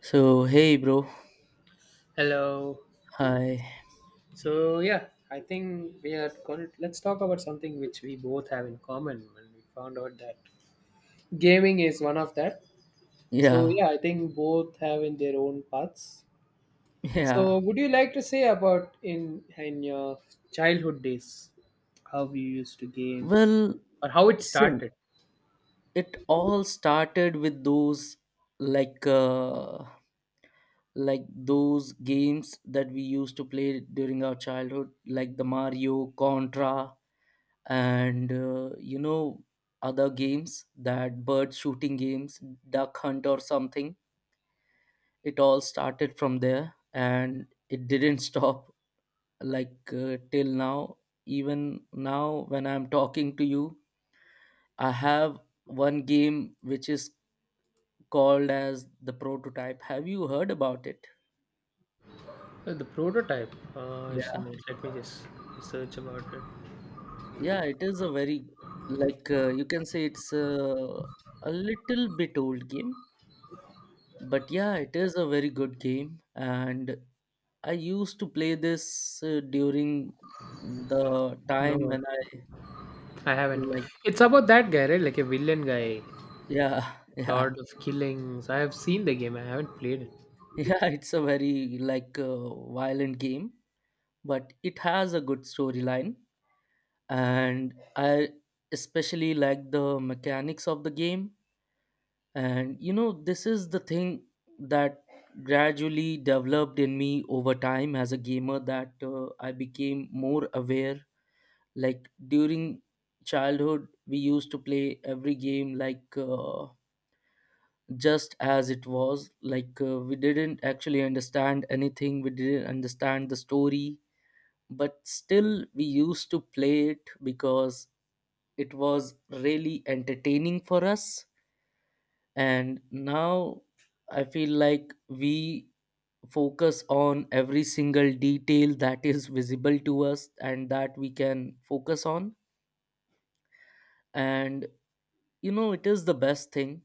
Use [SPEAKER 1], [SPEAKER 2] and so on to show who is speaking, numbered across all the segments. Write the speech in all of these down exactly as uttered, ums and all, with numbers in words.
[SPEAKER 1] So, hey, bro.
[SPEAKER 2] Hello.
[SPEAKER 1] Hi.
[SPEAKER 2] So yeah, I think we are going to let's talk about something which we both have in common when we found out that gaming is one of that. So
[SPEAKER 1] Yeah.
[SPEAKER 2] yeah, I think both have in their own paths. So
[SPEAKER 1] Yeah.
[SPEAKER 2] would you like to say about in in your childhood days how you used to game
[SPEAKER 1] Well,
[SPEAKER 2] or how it
[SPEAKER 1] sin.
[SPEAKER 2] started?
[SPEAKER 1] It all started with those, like, uh, like those games that we used to play during our childhood, like the Mario, Contra, and uh, you know, other games that bird shooting games, duck hunt or something. It all started from there, and it didn't stop like uh, till now. Even now, when I'm talking to you, I have one game which is called as the Prototype. Have you heard about it?
[SPEAKER 2] Uh, The prototype. Uh, just a
[SPEAKER 1] Yeah,
[SPEAKER 2] minute. Let me just search about it.
[SPEAKER 1] yeah, it is a very, like uh, you can say, it's a, a little bit old game. But yeah, it is a very good game, and I used to play this uh, during the time
[SPEAKER 2] No,
[SPEAKER 1] when I,
[SPEAKER 2] I haven't.
[SPEAKER 1] like.
[SPEAKER 2] It's about that guy, right? Like a villain guy.
[SPEAKER 1] Yeah. Yeah.
[SPEAKER 2] Lord of Killings. I have seen the game. I haven't played it.
[SPEAKER 1] Yeah, it's a very like uh, violent game, but it has a good storyline, and I especially like the mechanics of the game. And you know, this is the thing that gradually developed in me over time as a gamer, that uh, I became more aware. Like during childhood, we used to play every game like. Uh, just as it was. Like uh, we didn't actually understand anything, we didn't understand the story, but still we used to play it because it was really entertaining for us. And now I feel like we focus on every single detail that is visible to us and that we can focus on. And, you know, it is the best thing.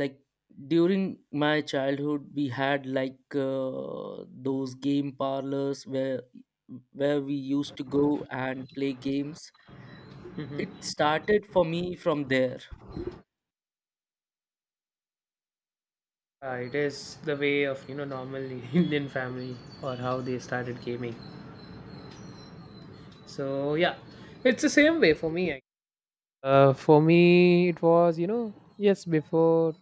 [SPEAKER 1] Like during my childhood, we had like uh, those game parlors where where we used to go and play games.
[SPEAKER 2] hmm
[SPEAKER 1] It started for me from there.
[SPEAKER 2] Uh, it is the way of you know normal Indian family or how they started gaming. So yeah, it's the same way for me. Uh, for me, it was you know yes before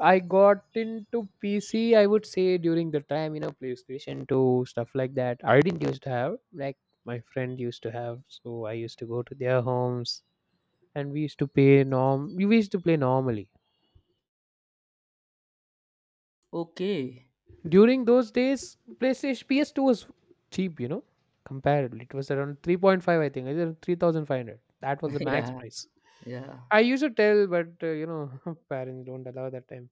[SPEAKER 2] I got into P C, I would say during the time you know PlayStation Two stuff like that. I didn't used to have like my friend used to have, so I used to go to their homes and we used to play norm. We used to play normally.
[SPEAKER 1] Okay.
[SPEAKER 2] During those days, PlayStation P S two was cheap, you know. Comparably, it was around three point five, I think, either three thousand five hundred. That was the max
[SPEAKER 1] Yeah,
[SPEAKER 2] price.
[SPEAKER 1] yeah.
[SPEAKER 2] I used to tell, but uh, you know, parents don't allow that time.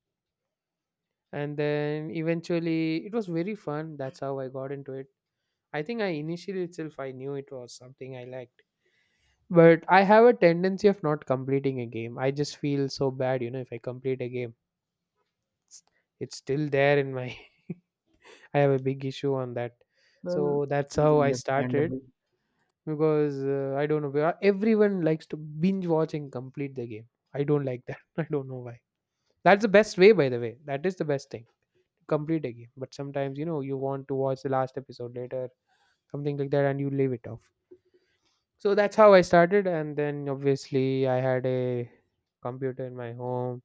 [SPEAKER 2] And then eventually, it was very fun. That's how I got into it. I think I initially itself I knew it was something I liked, but I have a tendency of not completing a game. I just feel so bad, you know, if I complete a game, it's still there in my. I have a big issue on that,
[SPEAKER 1] Well,
[SPEAKER 2] so that's
[SPEAKER 1] it is
[SPEAKER 2] how I started
[SPEAKER 1] understandable.
[SPEAKER 2] because uh, I don't know. where- Everyone likes to binge watch and complete the game. I don't like that. I don't know why. That's the best way, by the way. That is the best thing. Complete a game. But sometimes, you know, you want to watch the last episode later, something like that, and you leave it off. So that's how I started. And then obviously, I had a computer in my home.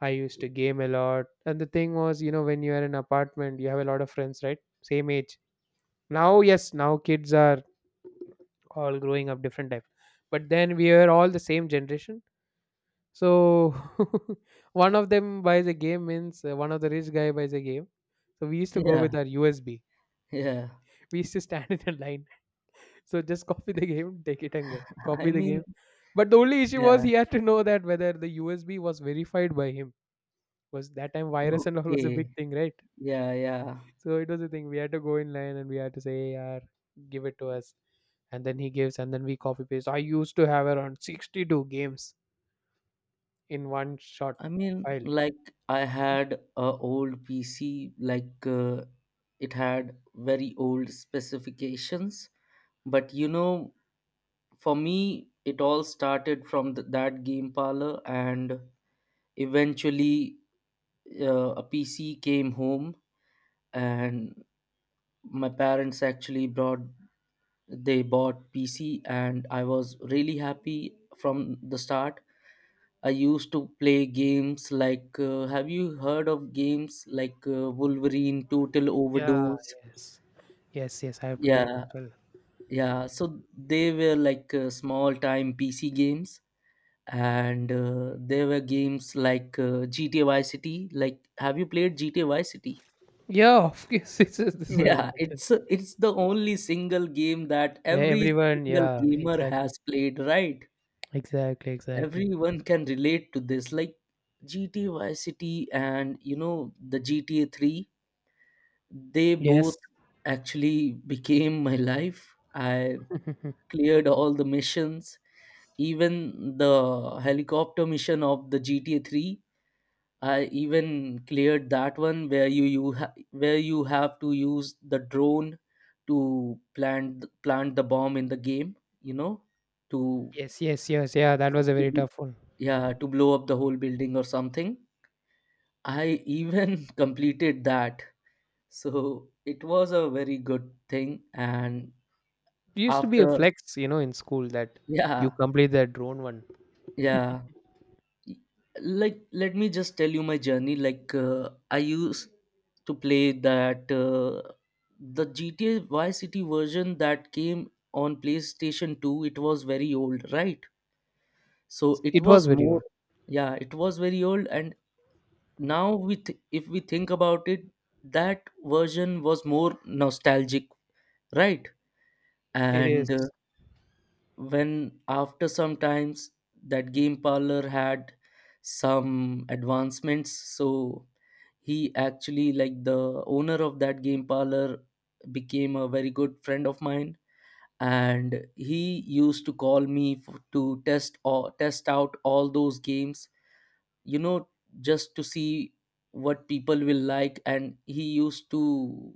[SPEAKER 2] I used to game a lot. And the thing was, you know, when you are in apartment, you have a lot of friends, right? Same age. Now, yes, now kids are all growing up different type, but then we are all the same generation. So one of them buys a game means uh, one of the rich guy buys a game, so we used to go
[SPEAKER 1] Yeah,
[SPEAKER 2] with our USB.
[SPEAKER 1] yeah.
[SPEAKER 2] we used to stand in a line, so just copy the game, take it and go
[SPEAKER 1] I
[SPEAKER 2] copy the
[SPEAKER 1] mean,
[SPEAKER 2] game. But the only issue was
[SPEAKER 1] yeah.
[SPEAKER 2] he had to know that whether the USB was verified by him. Was that time virus and all was a big
[SPEAKER 1] Okay.
[SPEAKER 2] thing, right?
[SPEAKER 1] Yeah, yeah.
[SPEAKER 2] So it was a thing, we had to go in line and we had to say yeah, give it to us, and then he gives and then we copy paste. I used to have around sixty-two games in one shot
[SPEAKER 1] I mean,
[SPEAKER 2] file.
[SPEAKER 1] like I had a old P C, like uh, it had very old specifications. But you know, for me, it all started from th- that game parlor, and eventually, uh, a P C came home, and my parents actually brought they bought P C, and I was really happy. From the start, I used to play games like uh, have you heard of games like uh, Wolverine Total
[SPEAKER 2] Yeah,
[SPEAKER 1] Overdose?
[SPEAKER 2] yes. Yes, yes, I played it
[SPEAKER 1] Yeah,
[SPEAKER 2] as well.
[SPEAKER 1] yeah. So they were like uh, small time P C games, and uh, there were games like uh, G T A Vice City. Like, have you played G T A Vice City?
[SPEAKER 2] Yeah, of course. This is this is a
[SPEAKER 1] Yeah,
[SPEAKER 2] question.
[SPEAKER 1] it's it's the only single game that
[SPEAKER 2] Where
[SPEAKER 1] every
[SPEAKER 2] everyone,
[SPEAKER 1] single
[SPEAKER 2] yeah,
[SPEAKER 1] gamer
[SPEAKER 2] exactly.
[SPEAKER 1] has played, right?
[SPEAKER 2] Exactly, exactly.
[SPEAKER 1] Everyone can relate to this. Like G T A Vice City, and you know, the G T A three, they both
[SPEAKER 2] Yes.
[SPEAKER 1] actually became my life. I cleared all the missions, even the helicopter mission of the G T A three. I even cleared that one where you, you ha- where you have to use the drone to plant plant the bomb in the game, you know, to,
[SPEAKER 2] yes, yes, yes. Yeah, that was a
[SPEAKER 1] to
[SPEAKER 2] very
[SPEAKER 1] bl-
[SPEAKER 2] tough one.
[SPEAKER 1] yeah, to blow up the whole building or something. I even completed that. So it was a very good thing, and
[SPEAKER 2] It used to be a
[SPEAKER 1] after
[SPEAKER 2] flex, you know, in school that you
[SPEAKER 1] yeah,
[SPEAKER 2] complete that drone one.
[SPEAKER 1] yeah. Like, let me just tell you my journey. Like uh, I used to play that uh, the GTA Vice City version that came on PlayStation two. It was very old, right? So it
[SPEAKER 2] It was
[SPEAKER 1] was
[SPEAKER 2] very.
[SPEAKER 1] more. Yeah, it was very old. And now we, th- if we think about it, that version was more nostalgic, right?
[SPEAKER 2] It is.
[SPEAKER 1] And uh, when, after some times, that game parlor had some advancements. So he actually, like, the owner of that game parlor became a very good friend of mine. And he used to call me f to test, or test out, all those games, you know just to see what people will like. And he used to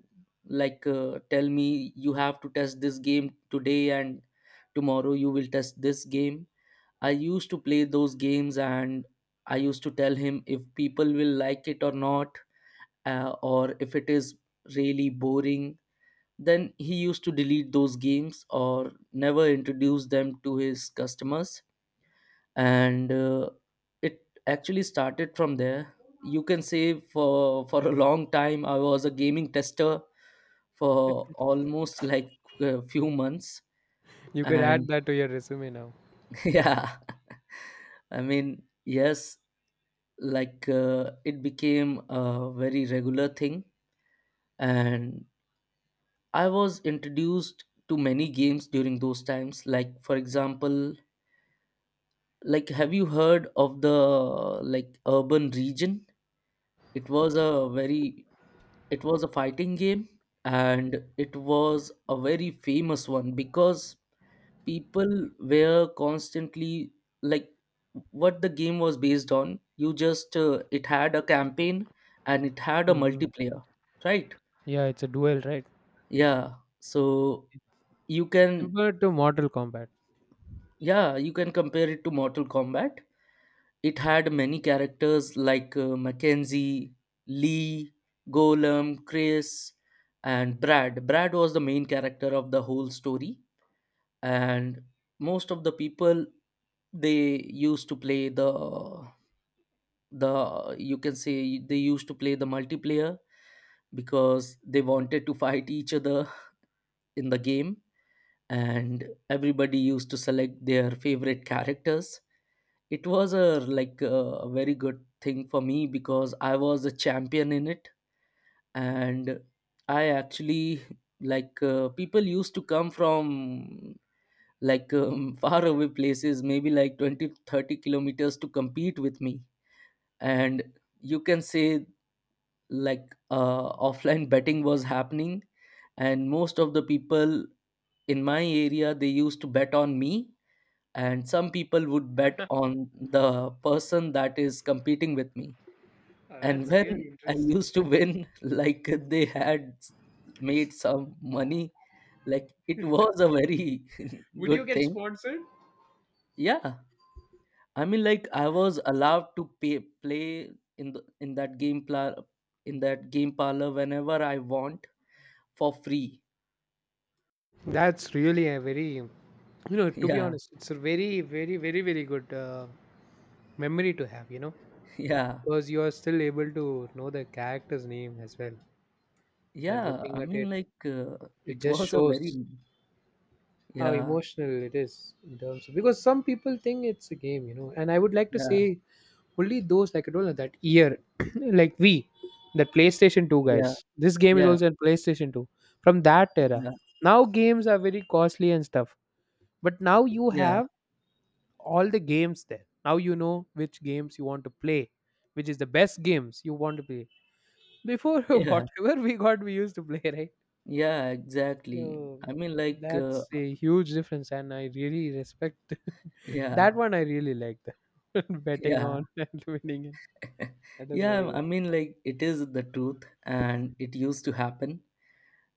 [SPEAKER 1] like uh, tell me, you have to test this game today, and tomorrow you will test this game. I used to play those games, and I used to tell him if people will like it or not, uh, or if it is really boring, then he used to delete those games or never introduce them to his customers. And uh, it actually started from there. You can say, for for a long time, I was a gaming tester for almost like a few months.
[SPEAKER 2] You could add
[SPEAKER 1] And
[SPEAKER 2] that to your resume now.
[SPEAKER 1] yeah, I mean, yes, like uh, it became a very regular thing. And I was introduced to many games during those times, like for example, like have you heard of the, like, Urban Region? it was a very it was a fighting game, and it was a very famous one because people were constantly like, what the game was based on, you just uh, it had a campaign, and it had a
[SPEAKER 2] Hmm.
[SPEAKER 1] multiplayer, right?
[SPEAKER 2] Yeah, it's a duel, right?
[SPEAKER 1] Yeah, so you can
[SPEAKER 2] Similar to Mortal Kombat.
[SPEAKER 1] yeah you can compare it to Mortal Kombat. It had many characters like uh, Mackenzie, Lee, Golem, Chris, and Brad. Brad was the main character of the whole story, and most of the people, they used to play the the you can say, they used to play the multiplayer because they wanted to fight each other in the game. And everybody used to select their favorite characters. It was a, like, a very good thing for me because I was a champion in it. And I actually, like uh, people used to come from, like um, far away places, maybe like twenty, thirty kilometers to compete with me. And you can say, like uh, offline betting was happening, and most of the people in my area, they used to bet on me. And some people would bet on the person that is competing with me.
[SPEAKER 2] Uh,
[SPEAKER 1] And
[SPEAKER 2] that's
[SPEAKER 1] when
[SPEAKER 2] really
[SPEAKER 1] I
[SPEAKER 2] interesting.
[SPEAKER 1] used to win, like they had made some money. Like, it was a very
[SPEAKER 2] Would you
[SPEAKER 1] good
[SPEAKER 2] get
[SPEAKER 1] thing.
[SPEAKER 2] sponsored?
[SPEAKER 1] Yeah, I mean, like, I was allowed to pay, play in the in that game pla- in that game parlor whenever I want, for free.
[SPEAKER 2] That's really a very, you know, to be
[SPEAKER 1] Yeah,
[SPEAKER 2] honest, it's a very, very, very, very good uh, memory to have, you know,
[SPEAKER 1] yeah,
[SPEAKER 2] because you are still able to know the character's name as well. And
[SPEAKER 1] yeah.
[SPEAKER 2] looking
[SPEAKER 1] I
[SPEAKER 2] at it,
[SPEAKER 1] mean, like uh,
[SPEAKER 2] it
[SPEAKER 1] it
[SPEAKER 2] just
[SPEAKER 1] was a very.
[SPEAKER 2] shows how
[SPEAKER 1] Yeah,
[SPEAKER 2] emotional it is in terms of because some people think it's a game, you know, and I would like to
[SPEAKER 1] yeah,
[SPEAKER 2] say only those like I told you that year, like we, that PlayStation two
[SPEAKER 1] yeah,
[SPEAKER 2] guys. This game is
[SPEAKER 1] yeah,
[SPEAKER 2] also in PlayStation two from that era.
[SPEAKER 1] yeah.
[SPEAKER 2] Now games are very costly and stuff, but now you
[SPEAKER 1] Yeah.
[SPEAKER 2] have all the games there. Now you know which games you want to play, which is the best games you want to play. Before,
[SPEAKER 1] Yeah,
[SPEAKER 2] whatever we got, we used to play, right?
[SPEAKER 1] yeah, exactly.
[SPEAKER 2] So
[SPEAKER 1] I mean, like, uh,
[SPEAKER 2] that's a huge difference, and I really respect that
[SPEAKER 1] yeah,
[SPEAKER 2] one. I really like that betting
[SPEAKER 1] yeah,
[SPEAKER 2] on and winning it. That was very
[SPEAKER 1] yeah. I
[SPEAKER 2] good.
[SPEAKER 1] mean, like, it is the truth, and it used to happen.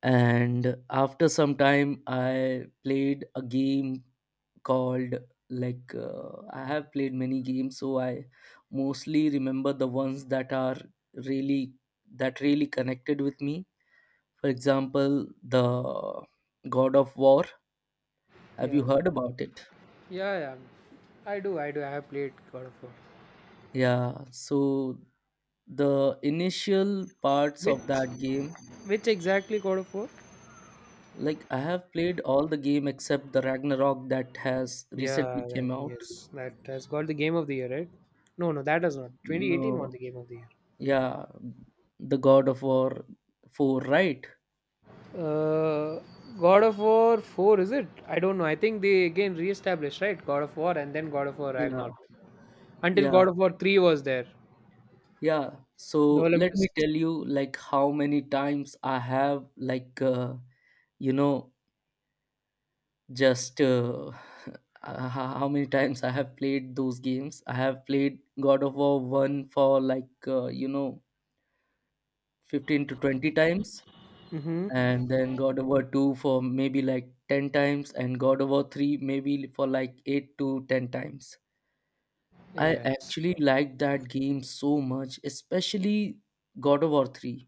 [SPEAKER 1] And after some time, I played a game called, like, uh, I have played many games, so I mostly remember the ones that are really, that really connected with me. For example, the God of War. Have you
[SPEAKER 2] Yeah.
[SPEAKER 1] heard about it?
[SPEAKER 2] Yeah, yeah. I do, I do. I have played God of War.
[SPEAKER 1] Yeah, so the initial parts of
[SPEAKER 2] Which,
[SPEAKER 1] that game,
[SPEAKER 2] which exactly God of War?
[SPEAKER 1] like I have played all the game except the Ragnarok that has
[SPEAKER 2] Yeah,
[SPEAKER 1] recently
[SPEAKER 2] that,
[SPEAKER 1] came out.
[SPEAKER 2] yes, that has got the Game of the Year, right? No, no, that does not. two thousand eighteen won the
[SPEAKER 1] No,
[SPEAKER 2] Game of the Year.
[SPEAKER 1] yeah, the God of War four, right?
[SPEAKER 2] Uh, God of War four, is it? I don't know. I think they again re-established, right? God of War and then God of War
[SPEAKER 1] Yeah,
[SPEAKER 2] Ragnarok. Until
[SPEAKER 1] yeah,
[SPEAKER 2] God of War three was there.
[SPEAKER 1] yeah.
[SPEAKER 2] The
[SPEAKER 1] So let me
[SPEAKER 2] Olympus.
[SPEAKER 1] tell you, like, how many times I have, like, uh, you know, just uh, uh, how many times I have played those games. I have played God of War one for, like, uh, you know, fifteen to twenty times,
[SPEAKER 2] Mm-hmm.
[SPEAKER 1] and then God of War two for maybe like ten times, and God of War three maybe for like eight to ten times. I
[SPEAKER 2] Yes.
[SPEAKER 1] actually liked that game so much, especially God of War three.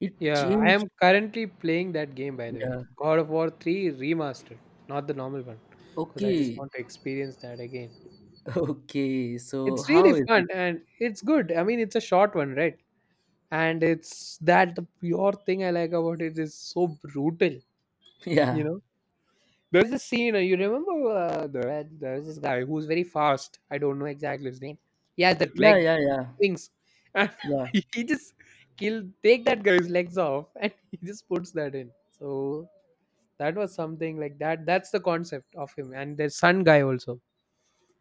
[SPEAKER 1] It
[SPEAKER 2] Yeah, I
[SPEAKER 1] changed.
[SPEAKER 2] am currently playing that game by the way.
[SPEAKER 1] Yeah.
[SPEAKER 2] God of War three remastered, not the normal one, because I just
[SPEAKER 1] Okay.
[SPEAKER 2] want to experience that again.
[SPEAKER 1] Okay, so
[SPEAKER 2] It's
[SPEAKER 1] how
[SPEAKER 2] really
[SPEAKER 1] is
[SPEAKER 2] fun
[SPEAKER 1] it?
[SPEAKER 2] and it's good. I mean, it's a short one, right? And it's that the pure thing I like about it is so brutal, you
[SPEAKER 1] Yeah,
[SPEAKER 2] know. There's a scene, uh, you remember uh, the, there's this guy who's very fast. I don't know exactly his name. He has that
[SPEAKER 1] yeah,
[SPEAKER 2] leg,
[SPEAKER 1] yeah, yeah,
[SPEAKER 2] wings. And
[SPEAKER 1] yeah,
[SPEAKER 2] he just kill take that guy's legs off and he just puts that in. So that was something like that. That's the concept of him. And there's Sun Guy also,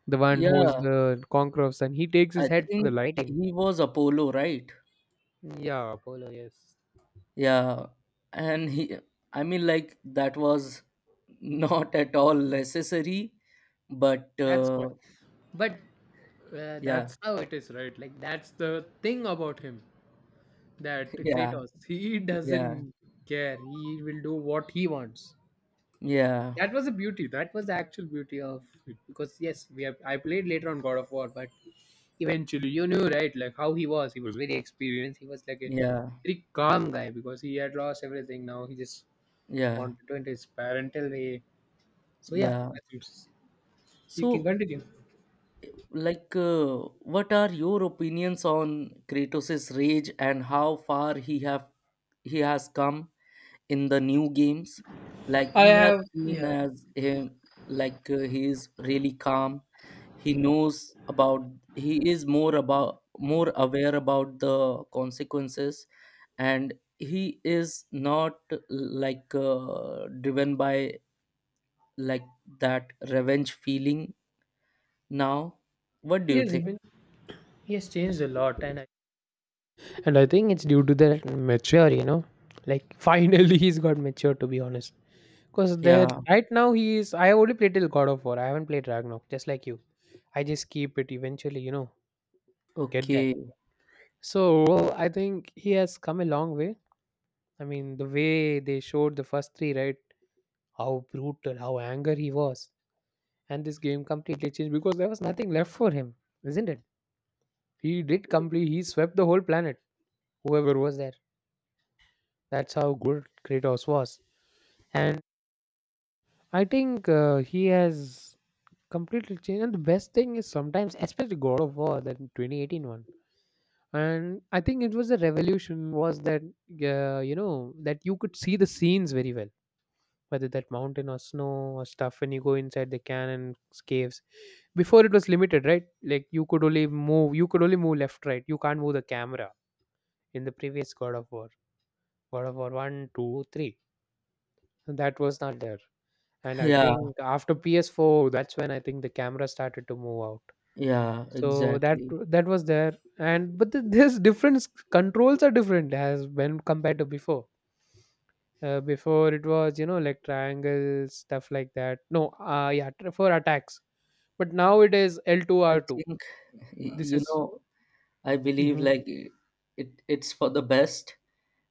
[SPEAKER 2] the one who is
[SPEAKER 1] yeah.
[SPEAKER 2] the conqueror of Sun. He takes his
[SPEAKER 1] I
[SPEAKER 2] head for the
[SPEAKER 1] think
[SPEAKER 2] lighting.
[SPEAKER 1] he was Apollo, right?
[SPEAKER 2] Yeah, Apollo, yes.
[SPEAKER 1] Yeah, and he, I mean, like that was not at all necessary, but
[SPEAKER 2] That's what.
[SPEAKER 1] uh,
[SPEAKER 2] But uh,
[SPEAKER 1] yeah.
[SPEAKER 2] that's how it is, right? Like, that's the thing about him that
[SPEAKER 1] Yeah,
[SPEAKER 2] Kratos, he
[SPEAKER 1] yeah,
[SPEAKER 2] doesn't care. He will do what he wants.
[SPEAKER 1] yeah,
[SPEAKER 2] That was the beauty, that was the actual beauty of it because yes, we have, I played later on God of War, but eventually you knew, right, like how he was. He was very experienced, he was like a
[SPEAKER 1] yeah,
[SPEAKER 2] very calm guy because he had lost everything. Now he just
[SPEAKER 1] yeah,
[SPEAKER 2] wanted to enter his parental way. So yeah,
[SPEAKER 1] yeah.
[SPEAKER 2] I think so. So, you can
[SPEAKER 1] So,
[SPEAKER 2] continue.
[SPEAKER 1] like, uh, what are your opinions on Kratos's rage and how far he have he has come in the new games? Like,
[SPEAKER 2] I
[SPEAKER 1] we have
[SPEAKER 2] have, yeah.
[SPEAKER 1] seen as him, like uh, he is really calm. He knows about, he is more about more aware about the consequences, and he is not like uh, driven by, like, that revenge feeling now. What do
[SPEAKER 2] He
[SPEAKER 1] you
[SPEAKER 2] has
[SPEAKER 1] think?
[SPEAKER 2] been, he has changed a lot, and I, and I think it's due to their mature, you know. Like finally he's got mature, to be honest. Because there
[SPEAKER 1] Yeah.
[SPEAKER 2] right now he is, I have only played till God of War. I haven't played Ragnarok, just like you. I just keep it eventually, you know, get there.
[SPEAKER 1] Okay.
[SPEAKER 2] So I think he has come a long way. I mean the way they showed the first three, right? How brutal, how angry he was. And this game completely changed because there was nothing left for him, isn't it? He did complete, he swept the whole planet, whoever was there. That's how good Kratos was. And I think uh, he has completely changed, and the best thing is sometimes, especially God of War, that twenty eighteen one. And I think it was a revolution was that uh, you know, that you could see the scenes very well, whether that mountain or snow or stuff when you go inside the cannon caves. Before it was limited, right? Like you could only move, you could only move left, right, you can't move the camera in the previous God of War. God of War one, two, three. two that was not there. And I
[SPEAKER 1] Yeah,
[SPEAKER 2] think after P S four, that's when I think the camera started to move out.
[SPEAKER 1] yeah,
[SPEAKER 2] So that,
[SPEAKER 1] exactly.
[SPEAKER 2] that was there. And but the, this difference, controls are different as when compared to before. Uh, before it was, you know, like triangles stuff like that, no, uh yeah, tr- for attacks, but now it is L two
[SPEAKER 1] I
[SPEAKER 2] R two.
[SPEAKER 1] think, y-
[SPEAKER 2] This
[SPEAKER 1] you
[SPEAKER 2] is
[SPEAKER 1] know, I believe,
[SPEAKER 2] Mhm.
[SPEAKER 1] like, it it's for the best,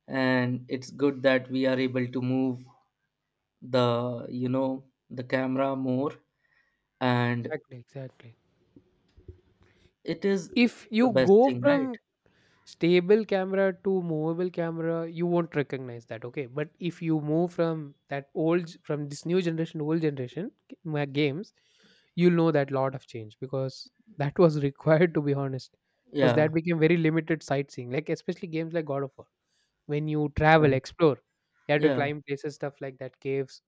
[SPEAKER 1] and it's good that we are able to move the you know the camera more. And
[SPEAKER 2] Exactly, exactly.
[SPEAKER 1] it is
[SPEAKER 2] If
[SPEAKER 1] the
[SPEAKER 2] you
[SPEAKER 1] best
[SPEAKER 2] go
[SPEAKER 1] thing, right?
[SPEAKER 2] from stable camera to movable camera, you won't recognize that, okay? But if you move from that old, from this new generation to old generation g- ma- games, you'll know that lot of change, because that was required, to be honest, because
[SPEAKER 1] Yeah.
[SPEAKER 2] that became very limited sightseeing, like especially games like God of War. When you
[SPEAKER 1] Yeah,
[SPEAKER 2] travel, explore, you have to
[SPEAKER 1] yeah.
[SPEAKER 2] climb places, stuff like that, caves.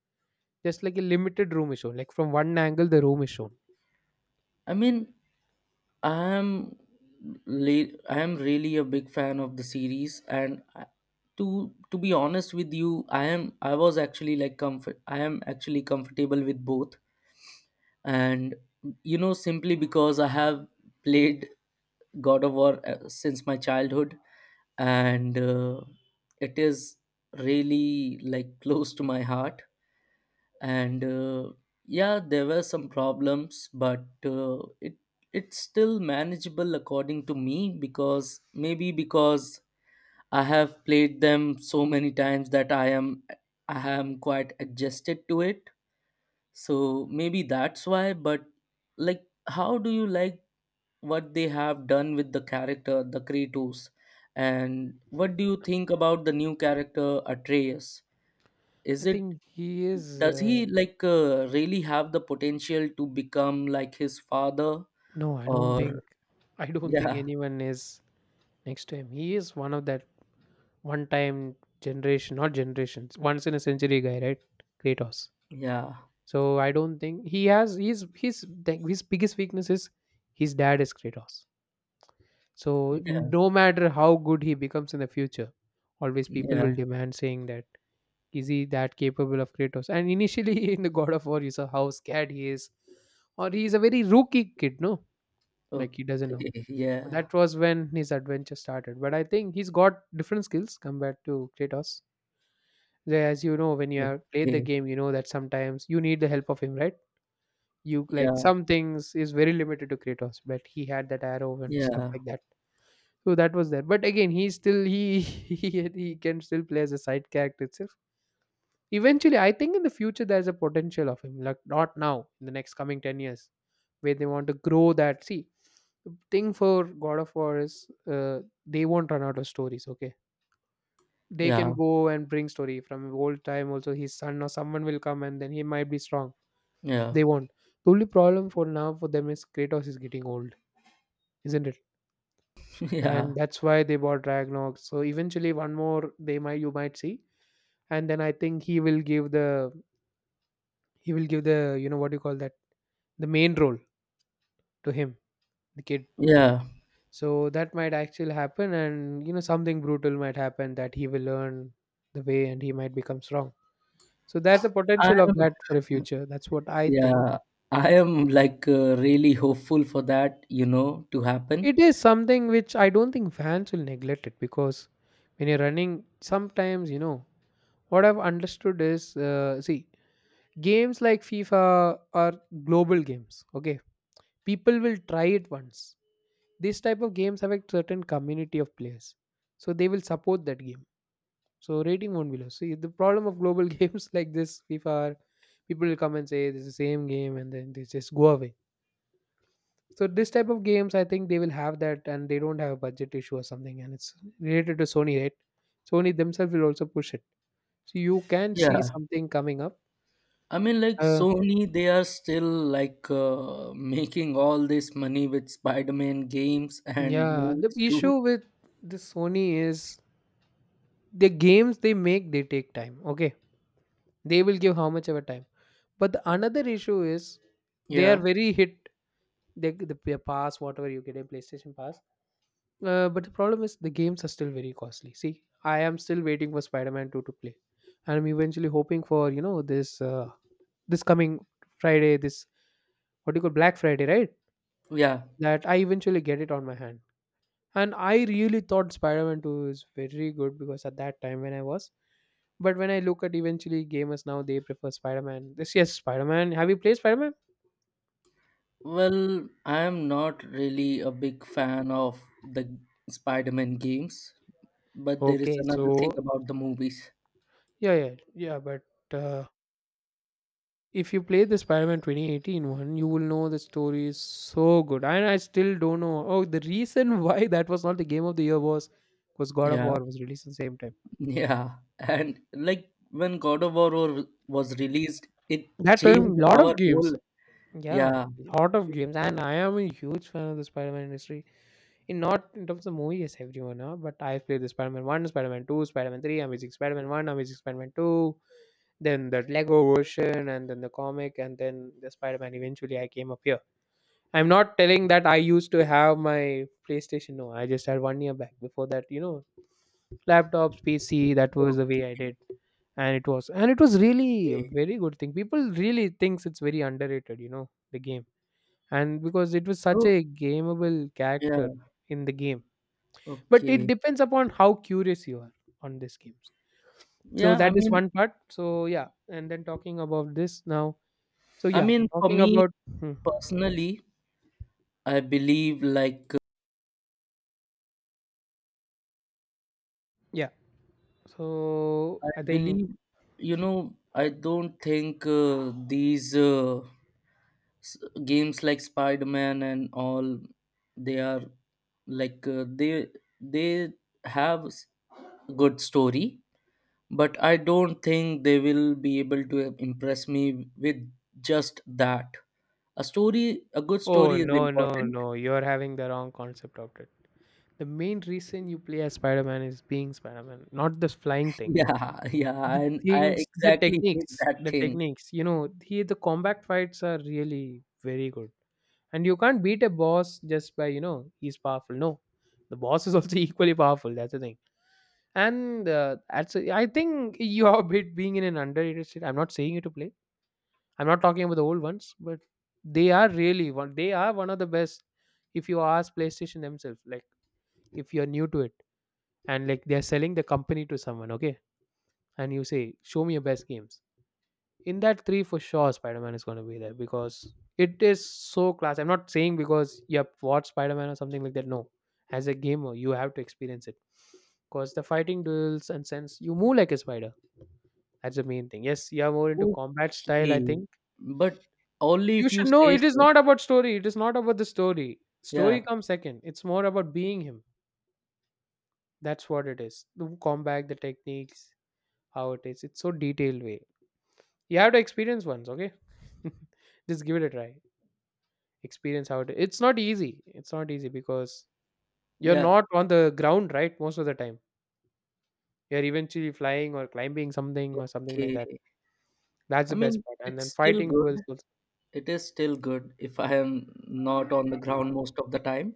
[SPEAKER 2] Just like a limited room is shown, like from one angle, the room is shown.
[SPEAKER 1] I mean, I am, le- i am really a big fan of the series, and I- to to be honest with you, I am, I was actually, like, comfort I am actually comfortable with both. And you know, simply because I have played God of War uh, since my childhood, and uh, it is really, like, close to my heart. And uh, yeah, there were some problems, but uh, it it's still manageable according to me, because maybe because I have played them so many times that i am I am quite adjusted to it. So maybe that's why. But like, how do you like what they have done with the character, the Kratos? And what do you think about the new character Atreus?
[SPEAKER 2] I
[SPEAKER 1] Is it
[SPEAKER 2] think he is.
[SPEAKER 1] Does
[SPEAKER 2] Uh,
[SPEAKER 1] he, like uh, really have the potential to become like his father?
[SPEAKER 2] no, I don't think.
[SPEAKER 1] Or
[SPEAKER 2] I don't think
[SPEAKER 1] yeah,
[SPEAKER 2] anyone is next time. He is one of that one time generation, not generations, once in a century guy, right? Kratos.
[SPEAKER 1] yeah,
[SPEAKER 2] So I don't think he has, he's his his biggest weakness is his dad is Kratos. So
[SPEAKER 1] yeah,
[SPEAKER 2] no matter how good he becomes in the future, always people will
[SPEAKER 1] yeah.
[SPEAKER 2] demand saying that is he that capable of Kratos? And initially in the God of War you saw how scared he is. Or he is a very rookie kid, no? Like he doesn't know.
[SPEAKER 1] Okay, yeah,
[SPEAKER 2] That was when his adventure started. But I think he's got different skills compared to Kratos. As you know, when you have played the
[SPEAKER 1] okay,
[SPEAKER 2] game, you know that sometimes you need the help of him, right? You like
[SPEAKER 1] yeah,
[SPEAKER 2] some things is very limited to Kratos, but he had that arrow and stuff
[SPEAKER 1] yeah,
[SPEAKER 2] like that. So that was there. But again, he still he he, he can still play as a side character itself. Eventually, I think in the future there's a potential of him. Like not now, in the next coming ten years, where they want to grow that. See, the thing for God of War is uh, they won't run out of stories. Okay. They can
[SPEAKER 1] yeah,
[SPEAKER 2] go and bring story from old time also, his son or someone will come and then he might be strong.
[SPEAKER 1] yeah.
[SPEAKER 2] They won't. The only problem for now for them is Kratos is getting old, isn't it? And
[SPEAKER 1] Yeah,
[SPEAKER 2] that's why they bought Ragnarok. So eventually one more they might, you might see. And then I think he will give the, he will give the you know what do you call that? The main role to him, the kid.
[SPEAKER 1] yeah.
[SPEAKER 2] So that might actually happen, and you know something brutal might happen that he will learn the way, and he might become strong. So there's a
[SPEAKER 1] I
[SPEAKER 2] potential of
[SPEAKER 1] am,
[SPEAKER 2] that for the future. That's what I think.
[SPEAKER 1] yeah, I am like uh, really hopeful for that, you know, to happen.
[SPEAKER 2] It is something which I don't think fans will neglect, it because when you're running, sometimes you know what I've understood is uh, see, games like FIFA are global games. Okay, people will try it once. This type of games have a certain community of players, so they will support that game. So rating won't be low. See, the problem of global games like this FIFA, are, people will come and say this is the same game, and then they just go away. So this type of games, I think they will have that, and they don't have a budget issue or something, and it's related to Sony, right? Sony themselves will also push it, so you can see
[SPEAKER 1] Yeah,
[SPEAKER 2] something coming up.
[SPEAKER 1] I mean, like
[SPEAKER 2] Uh,
[SPEAKER 1] Sony, they are still like uh, making all this money with Spider-Man games and
[SPEAKER 2] yeah, the
[SPEAKER 1] movies too.
[SPEAKER 2] issue with the Sony is the games they make, they take time. Okay, they will give how much of a time, but the another issue is they are
[SPEAKER 1] Yeah,
[SPEAKER 2] very hit. They, the the pass whatever you get in PlayStation Pass, Uh, but the problem is the games are still very costly. See, I am still waiting for Spider-Man two to play, and I'm eventually hoping for you know this uh, this coming Friday, this what do you call Black Friday, right?
[SPEAKER 1] yeah.
[SPEAKER 2] That I eventually get it on my hand. And I really thought Spider-Man two is very good because at that time when I was, but when I look at eventually gamers now, they prefer Spider-Man. This yes, Spider-Man. Have you played Spider-Man?
[SPEAKER 1] Well, I am not really a big fan of the Spider-Man games, but there is
[SPEAKER 2] Okay,
[SPEAKER 1] another thing
[SPEAKER 2] so
[SPEAKER 1] about the movies.
[SPEAKER 2] yeah, yeah, yeah, but. Uh, if you play the Spider-Man twenty eighteen one, you will know the story is so good. And I still don't know. Oh, the reason why that was not the game of the year was was God of
[SPEAKER 1] Yeah,
[SPEAKER 2] War was released at the same time.
[SPEAKER 1] yeah. And like when God of War wa- was released, it
[SPEAKER 2] That time,
[SPEAKER 1] changed
[SPEAKER 2] lot
[SPEAKER 1] our
[SPEAKER 2] of
[SPEAKER 1] whole.
[SPEAKER 2] games. Yeah,
[SPEAKER 1] Yeah.
[SPEAKER 2] lot of
[SPEAKER 1] it-
[SPEAKER 2] games. And I am a huge fan of the Spider-Man industry. In not in terms of movie as everyone, huh? But I've played the Spider-Man one, Spider-Man two, Spider-Man three, Amazing Spider-Man one, Amazing Spider-Man two, then the Lego version, and then the comic, and then the Spider-Man, eventually I came up here. I'm not telling that I used to have my PlayStation. No, I just had one year back. Before that, you know, laptops, P C. That was the way I
[SPEAKER 1] Okay,
[SPEAKER 2] did, and it was, and it was really a
[SPEAKER 1] okay.
[SPEAKER 2] very good thing. People really thinks it's very underrated. You know, the game, and because it was such
[SPEAKER 1] So,
[SPEAKER 2] a gameable character
[SPEAKER 1] yeah,
[SPEAKER 2] in the game, but it
[SPEAKER 1] okay.
[SPEAKER 2] depends upon how curious you are on these games. So
[SPEAKER 1] Yeah, I
[SPEAKER 2] that is
[SPEAKER 1] mean,
[SPEAKER 2] one part. So yeah, and then talking about this now. So
[SPEAKER 1] I
[SPEAKER 2] yeah,
[SPEAKER 1] mean, for
[SPEAKER 2] talking
[SPEAKER 1] me
[SPEAKER 2] about, hmm,
[SPEAKER 1] personally, I believe like
[SPEAKER 2] yeah. So
[SPEAKER 1] I
[SPEAKER 2] I think,
[SPEAKER 1] believe, you know, I don't think uh, these uh, s- games like Spider-Man and all, they are like uh, they they have s- good story, but I don't think they will be able to impress me with just that. A story, a good
[SPEAKER 2] oh,
[SPEAKER 1] story is
[SPEAKER 2] no, no,
[SPEAKER 1] important.
[SPEAKER 2] no. You're having the wrong concept of it. The main reason you play as Spider Man is being Spider Man, not this flying thing.
[SPEAKER 1] Yeah, yeah,
[SPEAKER 2] The
[SPEAKER 1] and I
[SPEAKER 2] things, the
[SPEAKER 1] exactly hate
[SPEAKER 2] techniques,
[SPEAKER 1] that
[SPEAKER 2] the
[SPEAKER 1] thing.
[SPEAKER 2] techniques. You know, he, the combat fights are really very good. And you can't beat a boss just by, you know, he's powerful. No, the boss is also equally powerful. That's the thing. And uh, that's, I think you are a bit being in an underrated state. I'm not saying you to play. I'm not talking about the old ones, but they are really one. They are one of the best. If you ask PlayStation themselves, like if you're new to it, and like they're selling the company to someone, okay, and you say, "Show me your best games." In that three, for sure, Spider-Man is going to be there because it is so class. I'm not saying because you have watched Spider-Man or something like that. No, as a gamer, you have to experience it because the fighting duels and sense you move like a spider. That's the main thing. Yes, you are more into combat style, I
[SPEAKER 1] Okay,
[SPEAKER 2] think.
[SPEAKER 1] but only
[SPEAKER 2] You
[SPEAKER 1] if you
[SPEAKER 2] should know
[SPEAKER 1] say
[SPEAKER 2] it is
[SPEAKER 1] so.
[SPEAKER 2] not about story. It is not about the story. Story
[SPEAKER 1] Yeah,
[SPEAKER 2] comes second. It's more about being him. That's what it is. The combat, the techniques, how it is. It's so detailed way. You have to experience once, okay? Just give it a try. Experience how it. It's not easy. It's not easy because you're
[SPEAKER 1] yeah.
[SPEAKER 2] not on the ground, right? Most of the time, you're eventually flying or climbing something or something like
[SPEAKER 1] Okay.
[SPEAKER 2] that. That's
[SPEAKER 1] I
[SPEAKER 2] the best
[SPEAKER 1] mean,
[SPEAKER 2] part. And
[SPEAKER 1] it's
[SPEAKER 2] then
[SPEAKER 1] still
[SPEAKER 2] fighting
[SPEAKER 1] good.
[SPEAKER 2] duels. Also.
[SPEAKER 1] It is still good if I am not on the ground most of the time.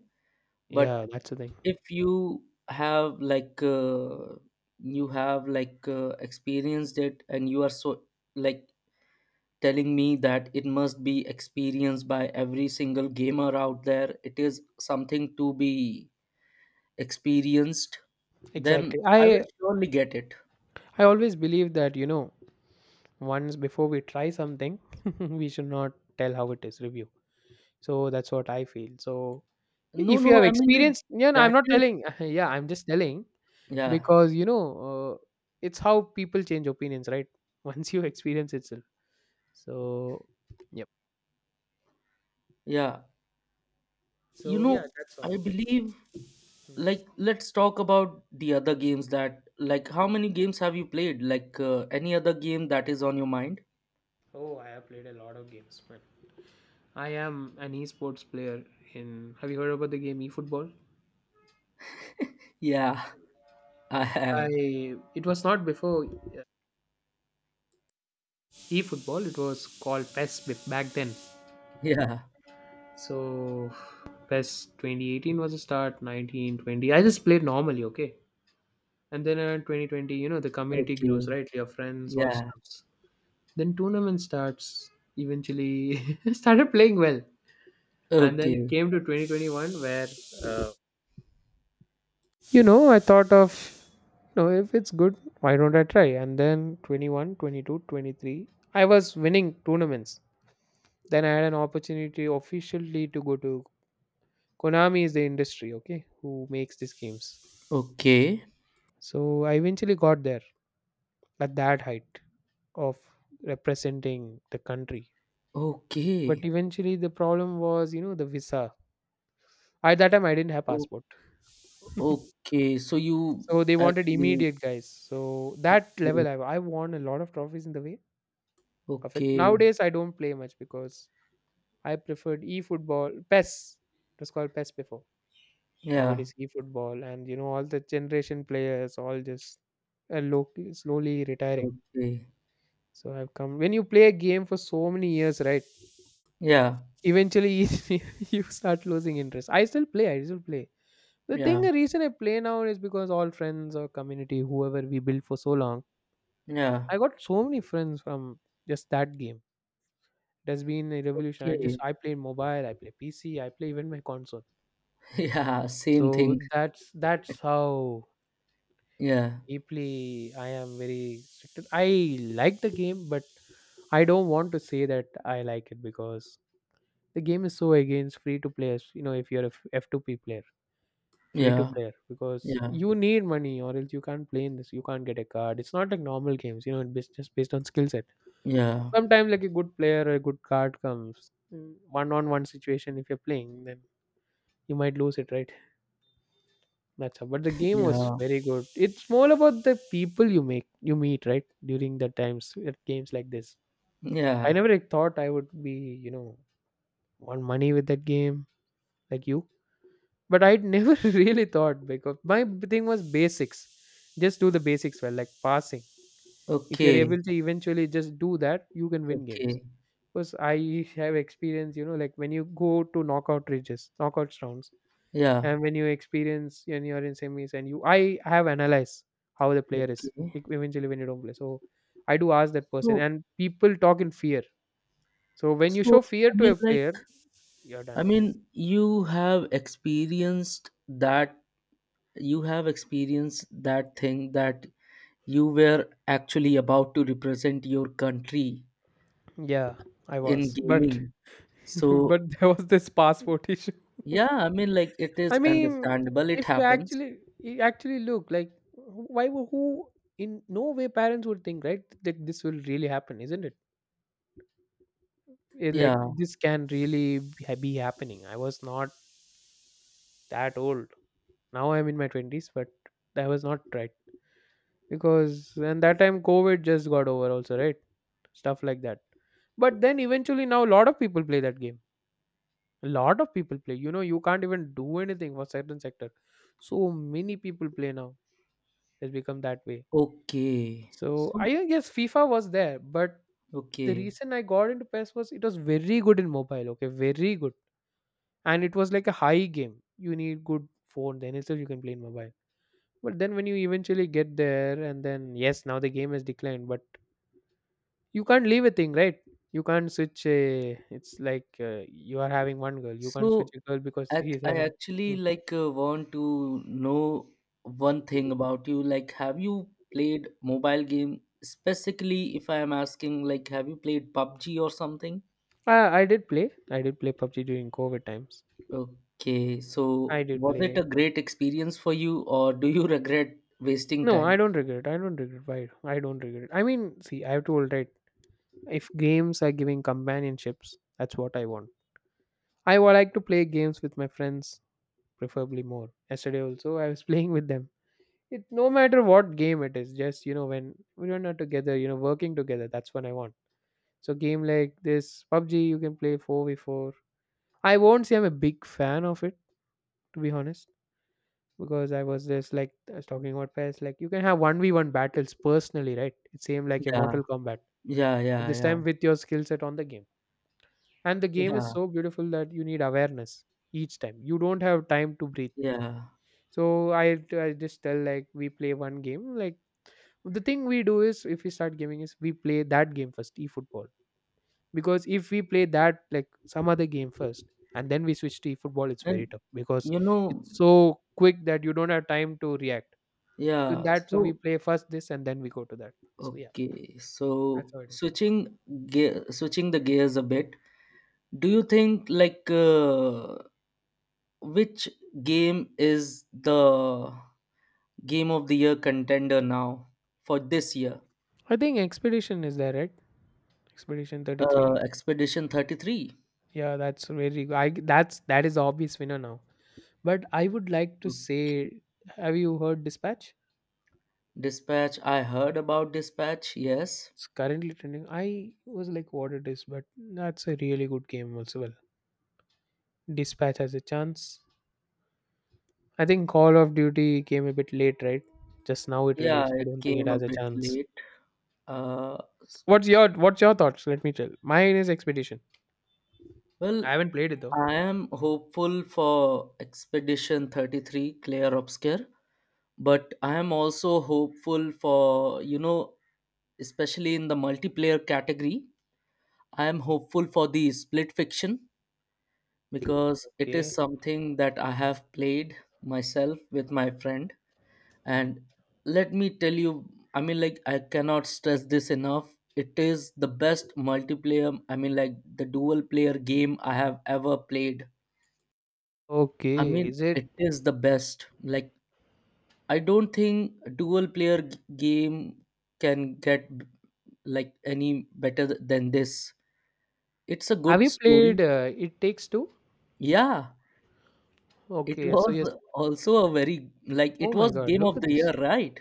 [SPEAKER 1] But
[SPEAKER 2] Yeah, that's the thing.
[SPEAKER 1] if you have like uh, you have like uh, experienced it and you are so like telling me that it must be experienced by every single gamer out there, it is something to be experienced, then
[SPEAKER 2] Exactly.
[SPEAKER 1] I
[SPEAKER 2] I
[SPEAKER 1] will surely get it.
[SPEAKER 2] I always believe that you know once before we try something we should not tell how it is review, so that's what I feel. So
[SPEAKER 1] No,
[SPEAKER 2] if
[SPEAKER 1] no,
[SPEAKER 2] you have
[SPEAKER 1] I mean like,
[SPEAKER 2] experience, yeah, no, I'm
[SPEAKER 1] that
[SPEAKER 2] not
[SPEAKER 1] is
[SPEAKER 2] telling, yeah, I'm just telling,
[SPEAKER 1] yeah.
[SPEAKER 2] because you know, uh, it's how people change opinions, right? Once you experience itself, so yep.
[SPEAKER 1] Yeah, you
[SPEAKER 2] So yeah,
[SPEAKER 1] know,
[SPEAKER 2] that's all
[SPEAKER 1] I
[SPEAKER 2] just.
[SPEAKER 1] believe
[SPEAKER 2] Hmm.
[SPEAKER 1] like let's talk about the other games, that like how many games have you played, like uh, any other game that is on your mind.
[SPEAKER 2] Oh, I have played a lot of games, man. I am an esports player in, have you heard about the game eFootball?
[SPEAKER 1] Yeah, I have.
[SPEAKER 2] I, it was not before, uh, eFootball. It was called P E S bef- back then.
[SPEAKER 1] Yeah.
[SPEAKER 2] So, P E S twenty eighteen was a start, nineteen twenty. I just played normally, okay? And then uh, twenty twenty, you know, the community
[SPEAKER 1] Okay.
[SPEAKER 2] grows, right? Your friends, all
[SPEAKER 1] Yeah.
[SPEAKER 2] stuffs. Then tournament starts, eventually started playing well. And then it
[SPEAKER 1] Okay,
[SPEAKER 2] came to twenty twenty-one where, uh, you know, I thought of, you know, if it's good, why don't I try? And then twenty-one, twenty-two, twenty-three, I was winning tournaments. Then I had an opportunity officially to go to Konami, is the industry, okay, who makes these games.
[SPEAKER 1] okay.
[SPEAKER 2] So I eventually got there at that height of representing the country. But
[SPEAKER 1] Okay.
[SPEAKER 2] eventually the problem was, you know, the visa. At that time I didn't have
[SPEAKER 1] o-
[SPEAKER 2] passport.
[SPEAKER 1] okay, so you
[SPEAKER 2] So they wanted
[SPEAKER 1] actually.
[SPEAKER 2] immediate guys. So that
[SPEAKER 1] Okay.
[SPEAKER 2] level I I won a lot of trophies in the way of it.
[SPEAKER 1] Okay.
[SPEAKER 2] Nowadays I don't play much because I preferred e football P E S. It was called P E S before. Now it
[SPEAKER 1] Yeah.
[SPEAKER 2] is e football and you know all the generation players all just uh, low, slowly retiring.
[SPEAKER 1] Okay.
[SPEAKER 2] So I've come, when you play a game for so many years, right?
[SPEAKER 1] Yeah,
[SPEAKER 2] Eventually, you start losing interest. I still play. I still play. The thing,
[SPEAKER 1] yeah,
[SPEAKER 2] the reason I play now is because all friends or community, whoever we built for so long,
[SPEAKER 1] yeah.
[SPEAKER 2] I got so many friends from just that game. It has been a revolution. I just
[SPEAKER 1] Okay.
[SPEAKER 2] I play mobile, I play P C, I play even my console.
[SPEAKER 1] Yeah, same
[SPEAKER 2] So
[SPEAKER 1] thing.
[SPEAKER 2] that's that's how
[SPEAKER 1] Yeah.
[SPEAKER 2] deeply I am very restricted. I like the game, but I don't want to say that I like it because the game is so against free to play. You know, if you're a F two P player. Free to
[SPEAKER 1] Yeah.
[SPEAKER 2] player, because
[SPEAKER 1] Yeah.
[SPEAKER 2] you need money or else you can't play in this, you can't get a card. It's not like normal games, you know, it's just based on skill set.
[SPEAKER 1] Yeah.
[SPEAKER 2] Sometimes like a good player or a good card comes, one on one situation if you're playing, then you might lose it, right? That's how, but the game was
[SPEAKER 1] Yeah.
[SPEAKER 2] very good. It's more about the people you make, you meet, right? During the times at games like this, I
[SPEAKER 1] Yeah.
[SPEAKER 2] never, like, thought I would be, you know, on money with that game, like you, but I'd never really thought because my b- thing was basics. Just do the basics well, like passing. If you're
[SPEAKER 1] Okay.
[SPEAKER 2] able to eventually just do that, you can win games.
[SPEAKER 1] Okay.
[SPEAKER 2] Because I have experience, you know, like when you go to knockout ridges, knockouts rounds,
[SPEAKER 1] Yeah.
[SPEAKER 2] and when you experience and you're in semis, and you, I have analyzed how the player is
[SPEAKER 1] Okay.
[SPEAKER 2] e- eventually when you don't play. So I do ask that person,
[SPEAKER 1] So,
[SPEAKER 2] and people talk in fear. So when you
[SPEAKER 1] so
[SPEAKER 2] show fear
[SPEAKER 1] I
[SPEAKER 2] to
[SPEAKER 1] mean,
[SPEAKER 2] a
[SPEAKER 1] like,
[SPEAKER 2] player, you're done.
[SPEAKER 1] I mean, you have experienced that, you have experienced that thing, that you were actually about to represent your country
[SPEAKER 2] Yeah, I
[SPEAKER 1] in
[SPEAKER 2] was, but
[SPEAKER 1] gaming. So,
[SPEAKER 2] but there was this passport issue.
[SPEAKER 1] yeah, I mean, like, it
[SPEAKER 2] I
[SPEAKER 1] is
[SPEAKER 2] mean,
[SPEAKER 1] understandable. It
[SPEAKER 2] if you
[SPEAKER 1] happens.
[SPEAKER 2] actually you actually look like why wo- who in no way parents would think, right, that this will really happen, isn't it? It, like
[SPEAKER 1] Yeah.
[SPEAKER 2] this can really ha- be happening. I was not that old. Now I'm in my twenties, but that was not right because and that time COVID just got over also, right? Stuff like that. But then eventually now a lot of people play that game. A lot of people play. You know, you can't even do anything for certain sector. So many people play now. It's become that way.
[SPEAKER 1] Okay.
[SPEAKER 2] So
[SPEAKER 1] So,
[SPEAKER 2] I guess FIFA was there, but the
[SPEAKER 1] okay.
[SPEAKER 2] reason I got into P E S was it was very good in mobile. Okay, very good, and it was like a high game. You need good phone, then itself you can play in mobile. But then when you eventually get there, and then yes, now the game has declined, but you can't leave a thing, right? You can't switch a. It's like uh, you are having one girl. You can't switch
[SPEAKER 1] So,
[SPEAKER 2] a girl because
[SPEAKER 1] I,
[SPEAKER 2] she is
[SPEAKER 1] I
[SPEAKER 2] having.
[SPEAKER 1] actually
[SPEAKER 2] Mm.
[SPEAKER 1] like uh, want to know one thing about you. Like, have you played mobile game? Specifically, if I am asking, like, have you played PUBG or something?
[SPEAKER 2] I, I did play. I did play PUBG during COVID times.
[SPEAKER 1] Okay,
[SPEAKER 2] I
[SPEAKER 1] so
[SPEAKER 2] did
[SPEAKER 1] was it a
[SPEAKER 2] play.
[SPEAKER 1] great experience for you, or do you regret wasting
[SPEAKER 2] No, I
[SPEAKER 1] time?
[SPEAKER 2] don't regret. I don't regret. Why? I don't regret. I mean, see, I've told, right. If games are giving companionships, that's what I want. I would like to play games with my friends, preferably more. Yesterday also, I was playing with them. It no matter what game it is, just you know when we are not together, you know, working together. That's what I want. So game like this, PUBG, you can play four v four. I won't say I'm a big fan of it, to be honest, because I was just like I was talking about pairs. Like you can have one v one battles personally, right? It's same like your
[SPEAKER 1] Yeah,
[SPEAKER 2] Mortal Kombat
[SPEAKER 1] yeah, yeah,
[SPEAKER 2] this
[SPEAKER 1] yeah,
[SPEAKER 2] time with your skill set on the game, and the game is
[SPEAKER 1] yeah,
[SPEAKER 2] so beautiful that you need awareness each time. You don't have time to breathe.
[SPEAKER 1] yeah.
[SPEAKER 2] So i, I just tell like we play one game. Like the thing we do is if we start gaming is we play that game first, e-football, because if we play that like some other game first and then we switch to e-football, it's very
[SPEAKER 1] And
[SPEAKER 2] tough because
[SPEAKER 1] you know,
[SPEAKER 2] it's so quick that you don't have time to react. So in
[SPEAKER 1] yeah,
[SPEAKER 2] that, so we
[SPEAKER 1] so
[SPEAKER 2] play first this and then we go to that. So yeah,
[SPEAKER 1] okay, so
[SPEAKER 2] that's how it is.
[SPEAKER 1] switching gear, switching the gears a bit. Do you think like uh, which game is the game of the year contender now for this year?
[SPEAKER 2] I think expedition is there, right? Expedition
[SPEAKER 1] uh,
[SPEAKER 2] thirty-three.
[SPEAKER 1] Expedition thirty-three.
[SPEAKER 2] Yeah, that's very good. I that's That is the obvious winner now. But I would like to
[SPEAKER 1] Okay.
[SPEAKER 2] say, have you heard Dispatch?
[SPEAKER 1] Dispatch, I heard about Dispatch, yes.
[SPEAKER 2] It's currently trending. I was like, what it is, but that's a really good game also. Well, Dispatch has a chance. I think Call of Duty came a bit late, right? Just now it
[SPEAKER 1] Yeah,
[SPEAKER 2] released. I
[SPEAKER 1] it
[SPEAKER 2] don't think it
[SPEAKER 1] came a
[SPEAKER 2] has a
[SPEAKER 1] bit
[SPEAKER 2] chance.
[SPEAKER 1] late. uh, s-
[SPEAKER 2] What's your What's your thoughts? Let me tell. Mine is Expedition.
[SPEAKER 1] well,
[SPEAKER 2] I haven't played it though.
[SPEAKER 1] I am hopeful for Expedition thirty-three Clear Obscure, but I am also hopeful for, you know, especially in the multiplayer category, I am hopeful for the Split Fiction, because it is
[SPEAKER 2] Okay.
[SPEAKER 1] something that I have played myself with my friend. And let me tell you, I mean, like, I cannot stress this enough. It is the best multiplayer, I mean, like, the dual player game I have ever played. I
[SPEAKER 2] Okay.
[SPEAKER 1] mean,
[SPEAKER 2] Is it?
[SPEAKER 1] it is the best. Like, I don't think a dual player g- game can get like any better th- than this. It's a
[SPEAKER 2] Have
[SPEAKER 1] good
[SPEAKER 2] you
[SPEAKER 1] story.
[SPEAKER 2] played uh, It Takes Two?
[SPEAKER 1] Yeah. It
[SPEAKER 2] Okay. So yes.
[SPEAKER 1] was also a very like
[SPEAKER 2] Oh
[SPEAKER 1] it
[SPEAKER 2] my
[SPEAKER 1] was
[SPEAKER 2] God!
[SPEAKER 1] game
[SPEAKER 2] Look
[SPEAKER 1] of
[SPEAKER 2] at
[SPEAKER 1] the
[SPEAKER 2] this.
[SPEAKER 1] year, right?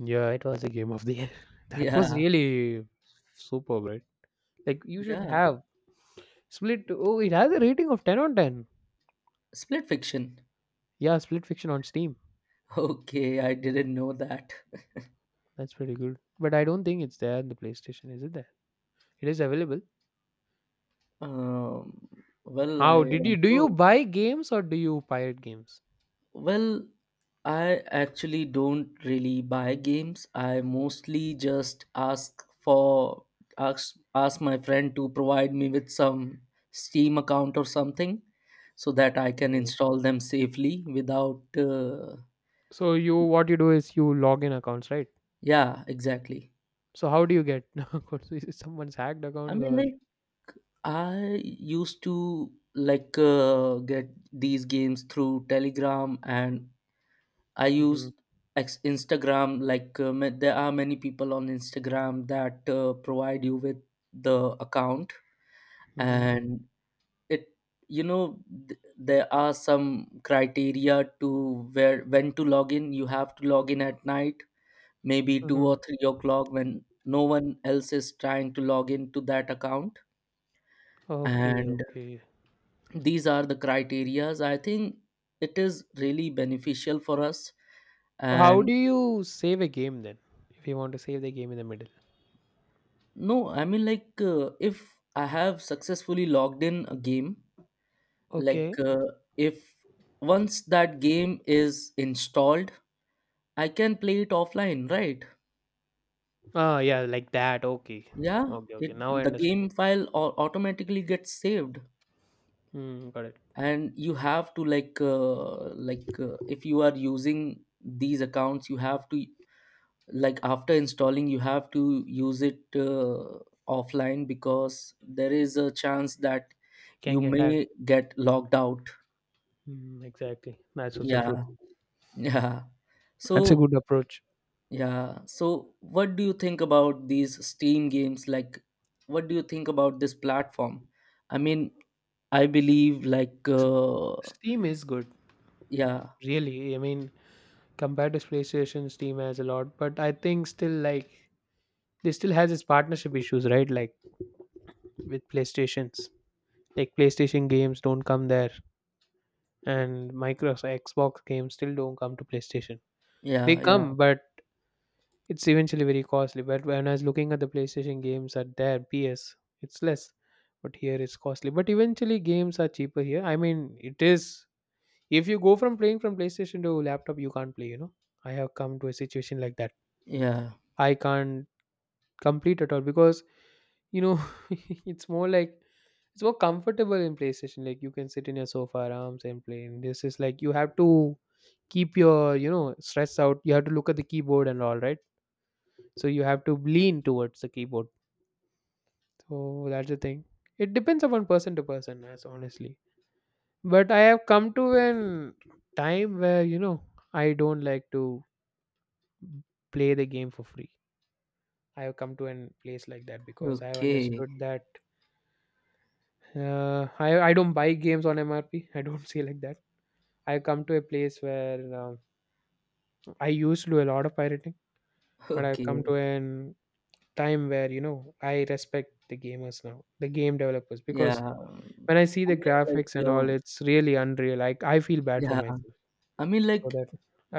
[SPEAKER 2] Yeah, it was a game of the year. That was
[SPEAKER 1] Yeah,
[SPEAKER 2] really superb, right? Like you should
[SPEAKER 1] yeah.
[SPEAKER 2] have Split. Oh, it has a rating of ten on ten.
[SPEAKER 1] Split Fiction.
[SPEAKER 2] Yeah, Split Fiction on Steam.
[SPEAKER 1] Okay, I didn't know that.
[SPEAKER 2] That's pretty good. But I don't think it's there in the PlayStation. Is it there? It is available.
[SPEAKER 1] Um, well, I
[SPEAKER 2] How did you do? You
[SPEAKER 1] also
[SPEAKER 2] buy games or do you pirate games?
[SPEAKER 1] well, I actually don't really buy games. I mostly just ask for ask ask my friend to provide me with some Steam account or something so that I can
[SPEAKER 2] Yeah.
[SPEAKER 1] install them safely without, uh,
[SPEAKER 2] So you what you do is you log in accounts, right?
[SPEAKER 1] yeah, exactly.
[SPEAKER 2] So how do you get accounts? Is it someone's hacked
[SPEAKER 1] I
[SPEAKER 2] accounts
[SPEAKER 1] mean,
[SPEAKER 2] or?
[SPEAKER 1] like, I used to like uh, get these games through Telegram, and I
[SPEAKER 2] Hmm.
[SPEAKER 1] use ex- Instagram. Like uh, ma- there are many people on Instagram that uh, provide you with the account,
[SPEAKER 2] Hmm.
[SPEAKER 1] and it, you know, th- there are some criteria to where when to log in. You have to log in at night, maybe two
[SPEAKER 2] Hmm.
[SPEAKER 1] or three o'clock when no one else is trying to log in to that account.
[SPEAKER 2] Okay,
[SPEAKER 1] And
[SPEAKER 2] okay.
[SPEAKER 1] these are the criterias, I think it is really beneficial for us.
[SPEAKER 2] So, how do
[SPEAKER 1] And
[SPEAKER 2] you save a game then? If you want to save the game in the middle.
[SPEAKER 1] no, I mean like uh, if I have successfully logged in a game, like
[SPEAKER 2] Okay.
[SPEAKER 1] uh, if once that game is installed, I can play it offline, right?
[SPEAKER 2] Ah, yeah, like that. Okay.
[SPEAKER 1] Yeah,
[SPEAKER 2] Okay, okay.
[SPEAKER 1] it,
[SPEAKER 2] Now I
[SPEAKER 1] the
[SPEAKER 2] understood.
[SPEAKER 1] game file au- automatically gets saved,
[SPEAKER 2] Hmm, got it.
[SPEAKER 1] and you have to like uh, like uh, if you are using these accounts, you have to like after installing, you have to use it uh, offline, because there is a chance that
[SPEAKER 2] It can
[SPEAKER 1] you
[SPEAKER 2] get hacked.
[SPEAKER 1] may get logged out.
[SPEAKER 2] Hmm, exactly. That's also true.
[SPEAKER 1] Yeah. Yeah.
[SPEAKER 2] That's a
[SPEAKER 1] So,
[SPEAKER 2] good approach.
[SPEAKER 1] yeah. So what do you think about these Steam games? Like what do you think about this platform? I mean, I believe like, uh,
[SPEAKER 2] Steam is good,
[SPEAKER 1] yeah.
[SPEAKER 2] really. I mean, compared to PlayStation, Steam has a lot, but I think still like they still has its partnership issues, right? Like with PlayStations. Like PlayStation games don't come there, and Microsoft Xbox games still don't come to PlayStation. They
[SPEAKER 1] Yeah. Yeah.
[SPEAKER 2] come, but it's eventually very costly, but when I was looking at the PlayStation games at their P S, it's less. But here it's costly. But eventually games are cheaper here. I mean, it is if you go from playing from PlayStation to laptop, you can't play, you know. I have come to a situation like that.
[SPEAKER 1] Yeah.
[SPEAKER 2] I can't complete at all because you know it's more like it's more comfortable in PlayStation. Like you can sit in your sofa arms and play. And this is like you have to keep your, you know, stress out. You have to look at the keyboard and all, right? So you have to lean towards the keyboard. So that's the thing. It depends upon person to person as honestly, but I have come to an time where you know I don't like to play the game for free. I have come to an place like that because I have
[SPEAKER 1] Okay.
[SPEAKER 2] understood that uh, i i don't buy games on MRP. I don't see like that. I have come to a place where um I used to do a lot of pirating, but I've
[SPEAKER 1] Okay.
[SPEAKER 2] come to an time where you know I respect the gamers now, the game developers, because
[SPEAKER 1] Yeah.
[SPEAKER 2] when I see
[SPEAKER 1] I
[SPEAKER 2] the
[SPEAKER 1] mean like,
[SPEAKER 2] graphics and
[SPEAKER 1] uh,
[SPEAKER 2] all, it's really unreal. Like I feel bad for
[SPEAKER 1] yeah,
[SPEAKER 2] myself.
[SPEAKER 1] I mean
[SPEAKER 2] So
[SPEAKER 1] like,
[SPEAKER 2] that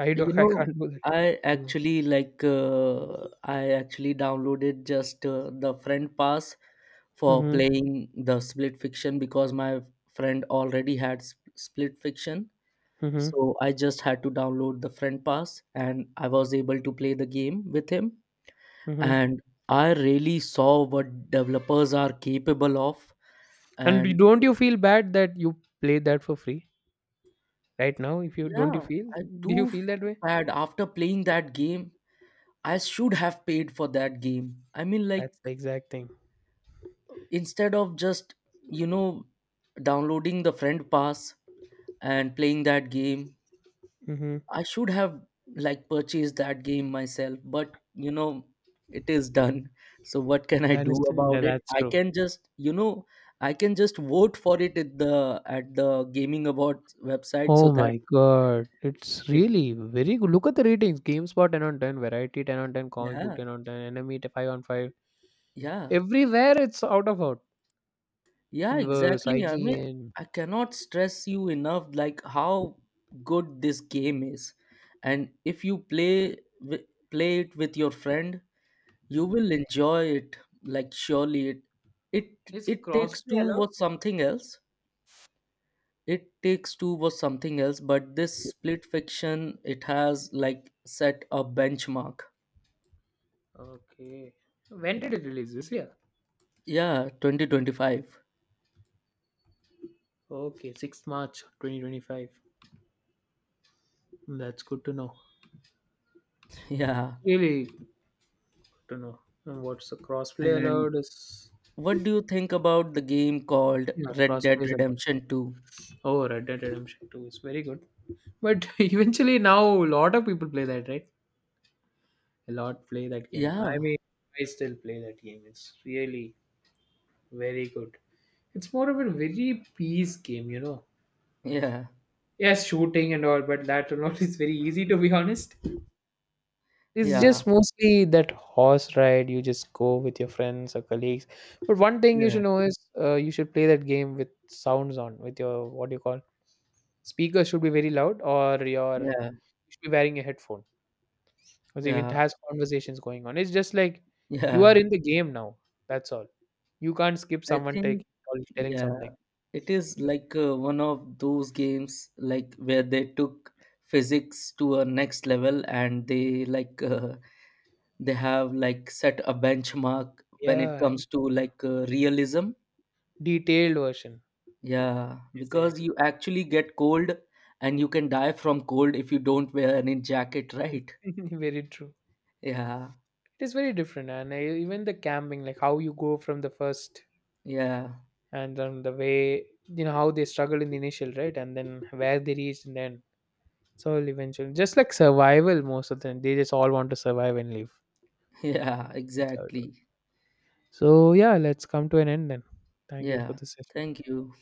[SPEAKER 2] I do
[SPEAKER 1] you
[SPEAKER 2] I
[SPEAKER 1] know,
[SPEAKER 2] can't do that.
[SPEAKER 1] I
[SPEAKER 2] Yeah.
[SPEAKER 1] actually like, uh, I actually downloaded just uh, the friend pass for
[SPEAKER 2] Mhm.
[SPEAKER 1] playing the Split Fiction, because my friend already had s- Split Fiction.
[SPEAKER 2] Mhm.
[SPEAKER 1] So I just had to download the friend pass and I was able to play the game with him.
[SPEAKER 2] Mhm.
[SPEAKER 1] And I really saw what developers are capable of.
[SPEAKER 2] And you-
[SPEAKER 1] And
[SPEAKER 2] don't you feel bad that you played that for free right now? If you don't, you
[SPEAKER 1] yeah,
[SPEAKER 2] feel,
[SPEAKER 1] I
[SPEAKER 2] do you
[SPEAKER 1] do
[SPEAKER 2] feel that
[SPEAKER 1] feel
[SPEAKER 2] way?
[SPEAKER 1] bad after playing that game. I should have paid for that game. I mean, like,
[SPEAKER 2] That's the exact thing.
[SPEAKER 1] instead of just, you know, downloading the friend pass and playing that game,
[SPEAKER 2] Mm-hmm.
[SPEAKER 1] I should have, like, purchased that game myself. But, you know, it is done. So, what can I
[SPEAKER 2] That is
[SPEAKER 1] do
[SPEAKER 2] that,
[SPEAKER 1] about it?
[SPEAKER 2] that's
[SPEAKER 1] I
[SPEAKER 2] true.
[SPEAKER 1] can just, you know, I can just vote for it at the at the gaming awards website
[SPEAKER 2] Oh
[SPEAKER 1] so that
[SPEAKER 2] my god, it's
[SPEAKER 1] it.
[SPEAKER 2] really very good. Look at the ratings: GameSpot ten on ten, Variety ten on ten, Comic Book
[SPEAKER 1] Yeah.
[SPEAKER 2] ten on ten, Enemy five on five.
[SPEAKER 1] Yeah.
[SPEAKER 2] Everywhere it's out of out.
[SPEAKER 1] Yeah,
[SPEAKER 2] Inverse,
[SPEAKER 1] exactly. I mean,
[SPEAKER 2] I G N.
[SPEAKER 1] I cannot stress you enough like how good this game is. And if you play wi- play it with your friend, you will enjoy it like surely it it
[SPEAKER 2] It's
[SPEAKER 1] It Takes
[SPEAKER 2] crossplay
[SPEAKER 1] Two
[SPEAKER 2] allowed?
[SPEAKER 1] was something else. It Takes Two was something else, but this Split Fiction, it has like set a benchmark.
[SPEAKER 2] Okay. When did it release? This year?
[SPEAKER 1] Yeah, twenty twenty-five.
[SPEAKER 2] Okay, sixth of March twenty twenty-five. That's good to know.
[SPEAKER 1] Yeah.
[SPEAKER 2] Really good to know. And what's the crossplay allowed
[SPEAKER 1] And
[SPEAKER 2] is,
[SPEAKER 1] what do you think about the game called
[SPEAKER 2] yeah,
[SPEAKER 1] Red
[SPEAKER 2] crossplay
[SPEAKER 1] Dead
[SPEAKER 2] is allowed.
[SPEAKER 1] Redemption two?
[SPEAKER 2] Oh, Red Dead Redemption two is very good. But eventually now a lot of people play that, right? A lot play that game. I
[SPEAKER 1] Yeah,
[SPEAKER 2] mean, I still play that game. It's really very good. It's more of a very peace game, you know.
[SPEAKER 1] yeah,
[SPEAKER 2] Yes, shooting and all, but that and all is very easy to be honest. It's
[SPEAKER 1] yeah,
[SPEAKER 2] just mostly that horse ride. You just go with your friends or colleagues. But one thing you should
[SPEAKER 1] yeah,
[SPEAKER 2] know is uh, you should play that game with sounds on, with your what do you call speakers should be very loud, or your you
[SPEAKER 1] yeah,
[SPEAKER 2] should be wearing a headphone because even it
[SPEAKER 1] yeah,
[SPEAKER 2] has conversations going on. It's just like you are
[SPEAKER 1] yeah.
[SPEAKER 2] in the game now. That's all. You can't skip
[SPEAKER 1] I
[SPEAKER 2] someone
[SPEAKER 1] think,
[SPEAKER 2] taking or telling
[SPEAKER 1] yeah,
[SPEAKER 2] something.
[SPEAKER 1] it is like uh, one of those games like where they took physics to a next level, and they like uh, they have like set a benchmark when
[SPEAKER 2] Yeah,
[SPEAKER 1] it
[SPEAKER 2] and
[SPEAKER 1] comes to like uh, realism.
[SPEAKER 2] detailed version.
[SPEAKER 1] Yeah, because
[SPEAKER 2] Exactly.
[SPEAKER 1] you actually get cold and you can die from cold if you don't wear any jacket, right?
[SPEAKER 2] very true.
[SPEAKER 1] Yeah,
[SPEAKER 2] It is very different, and uh, even the camping, like how you go from the first
[SPEAKER 1] yeah,
[SPEAKER 2] and then the way you know how they struggled in the initial, right, and then where they reached and then so eventually just like survival, most of them they just all want to survive and live.
[SPEAKER 1] yeah,
[SPEAKER 2] That's how it
[SPEAKER 1] exactly.
[SPEAKER 2] works. So yeah, let's come to an end then. Thank you for
[SPEAKER 1] Yeah.
[SPEAKER 2] this session.
[SPEAKER 1] Thank you.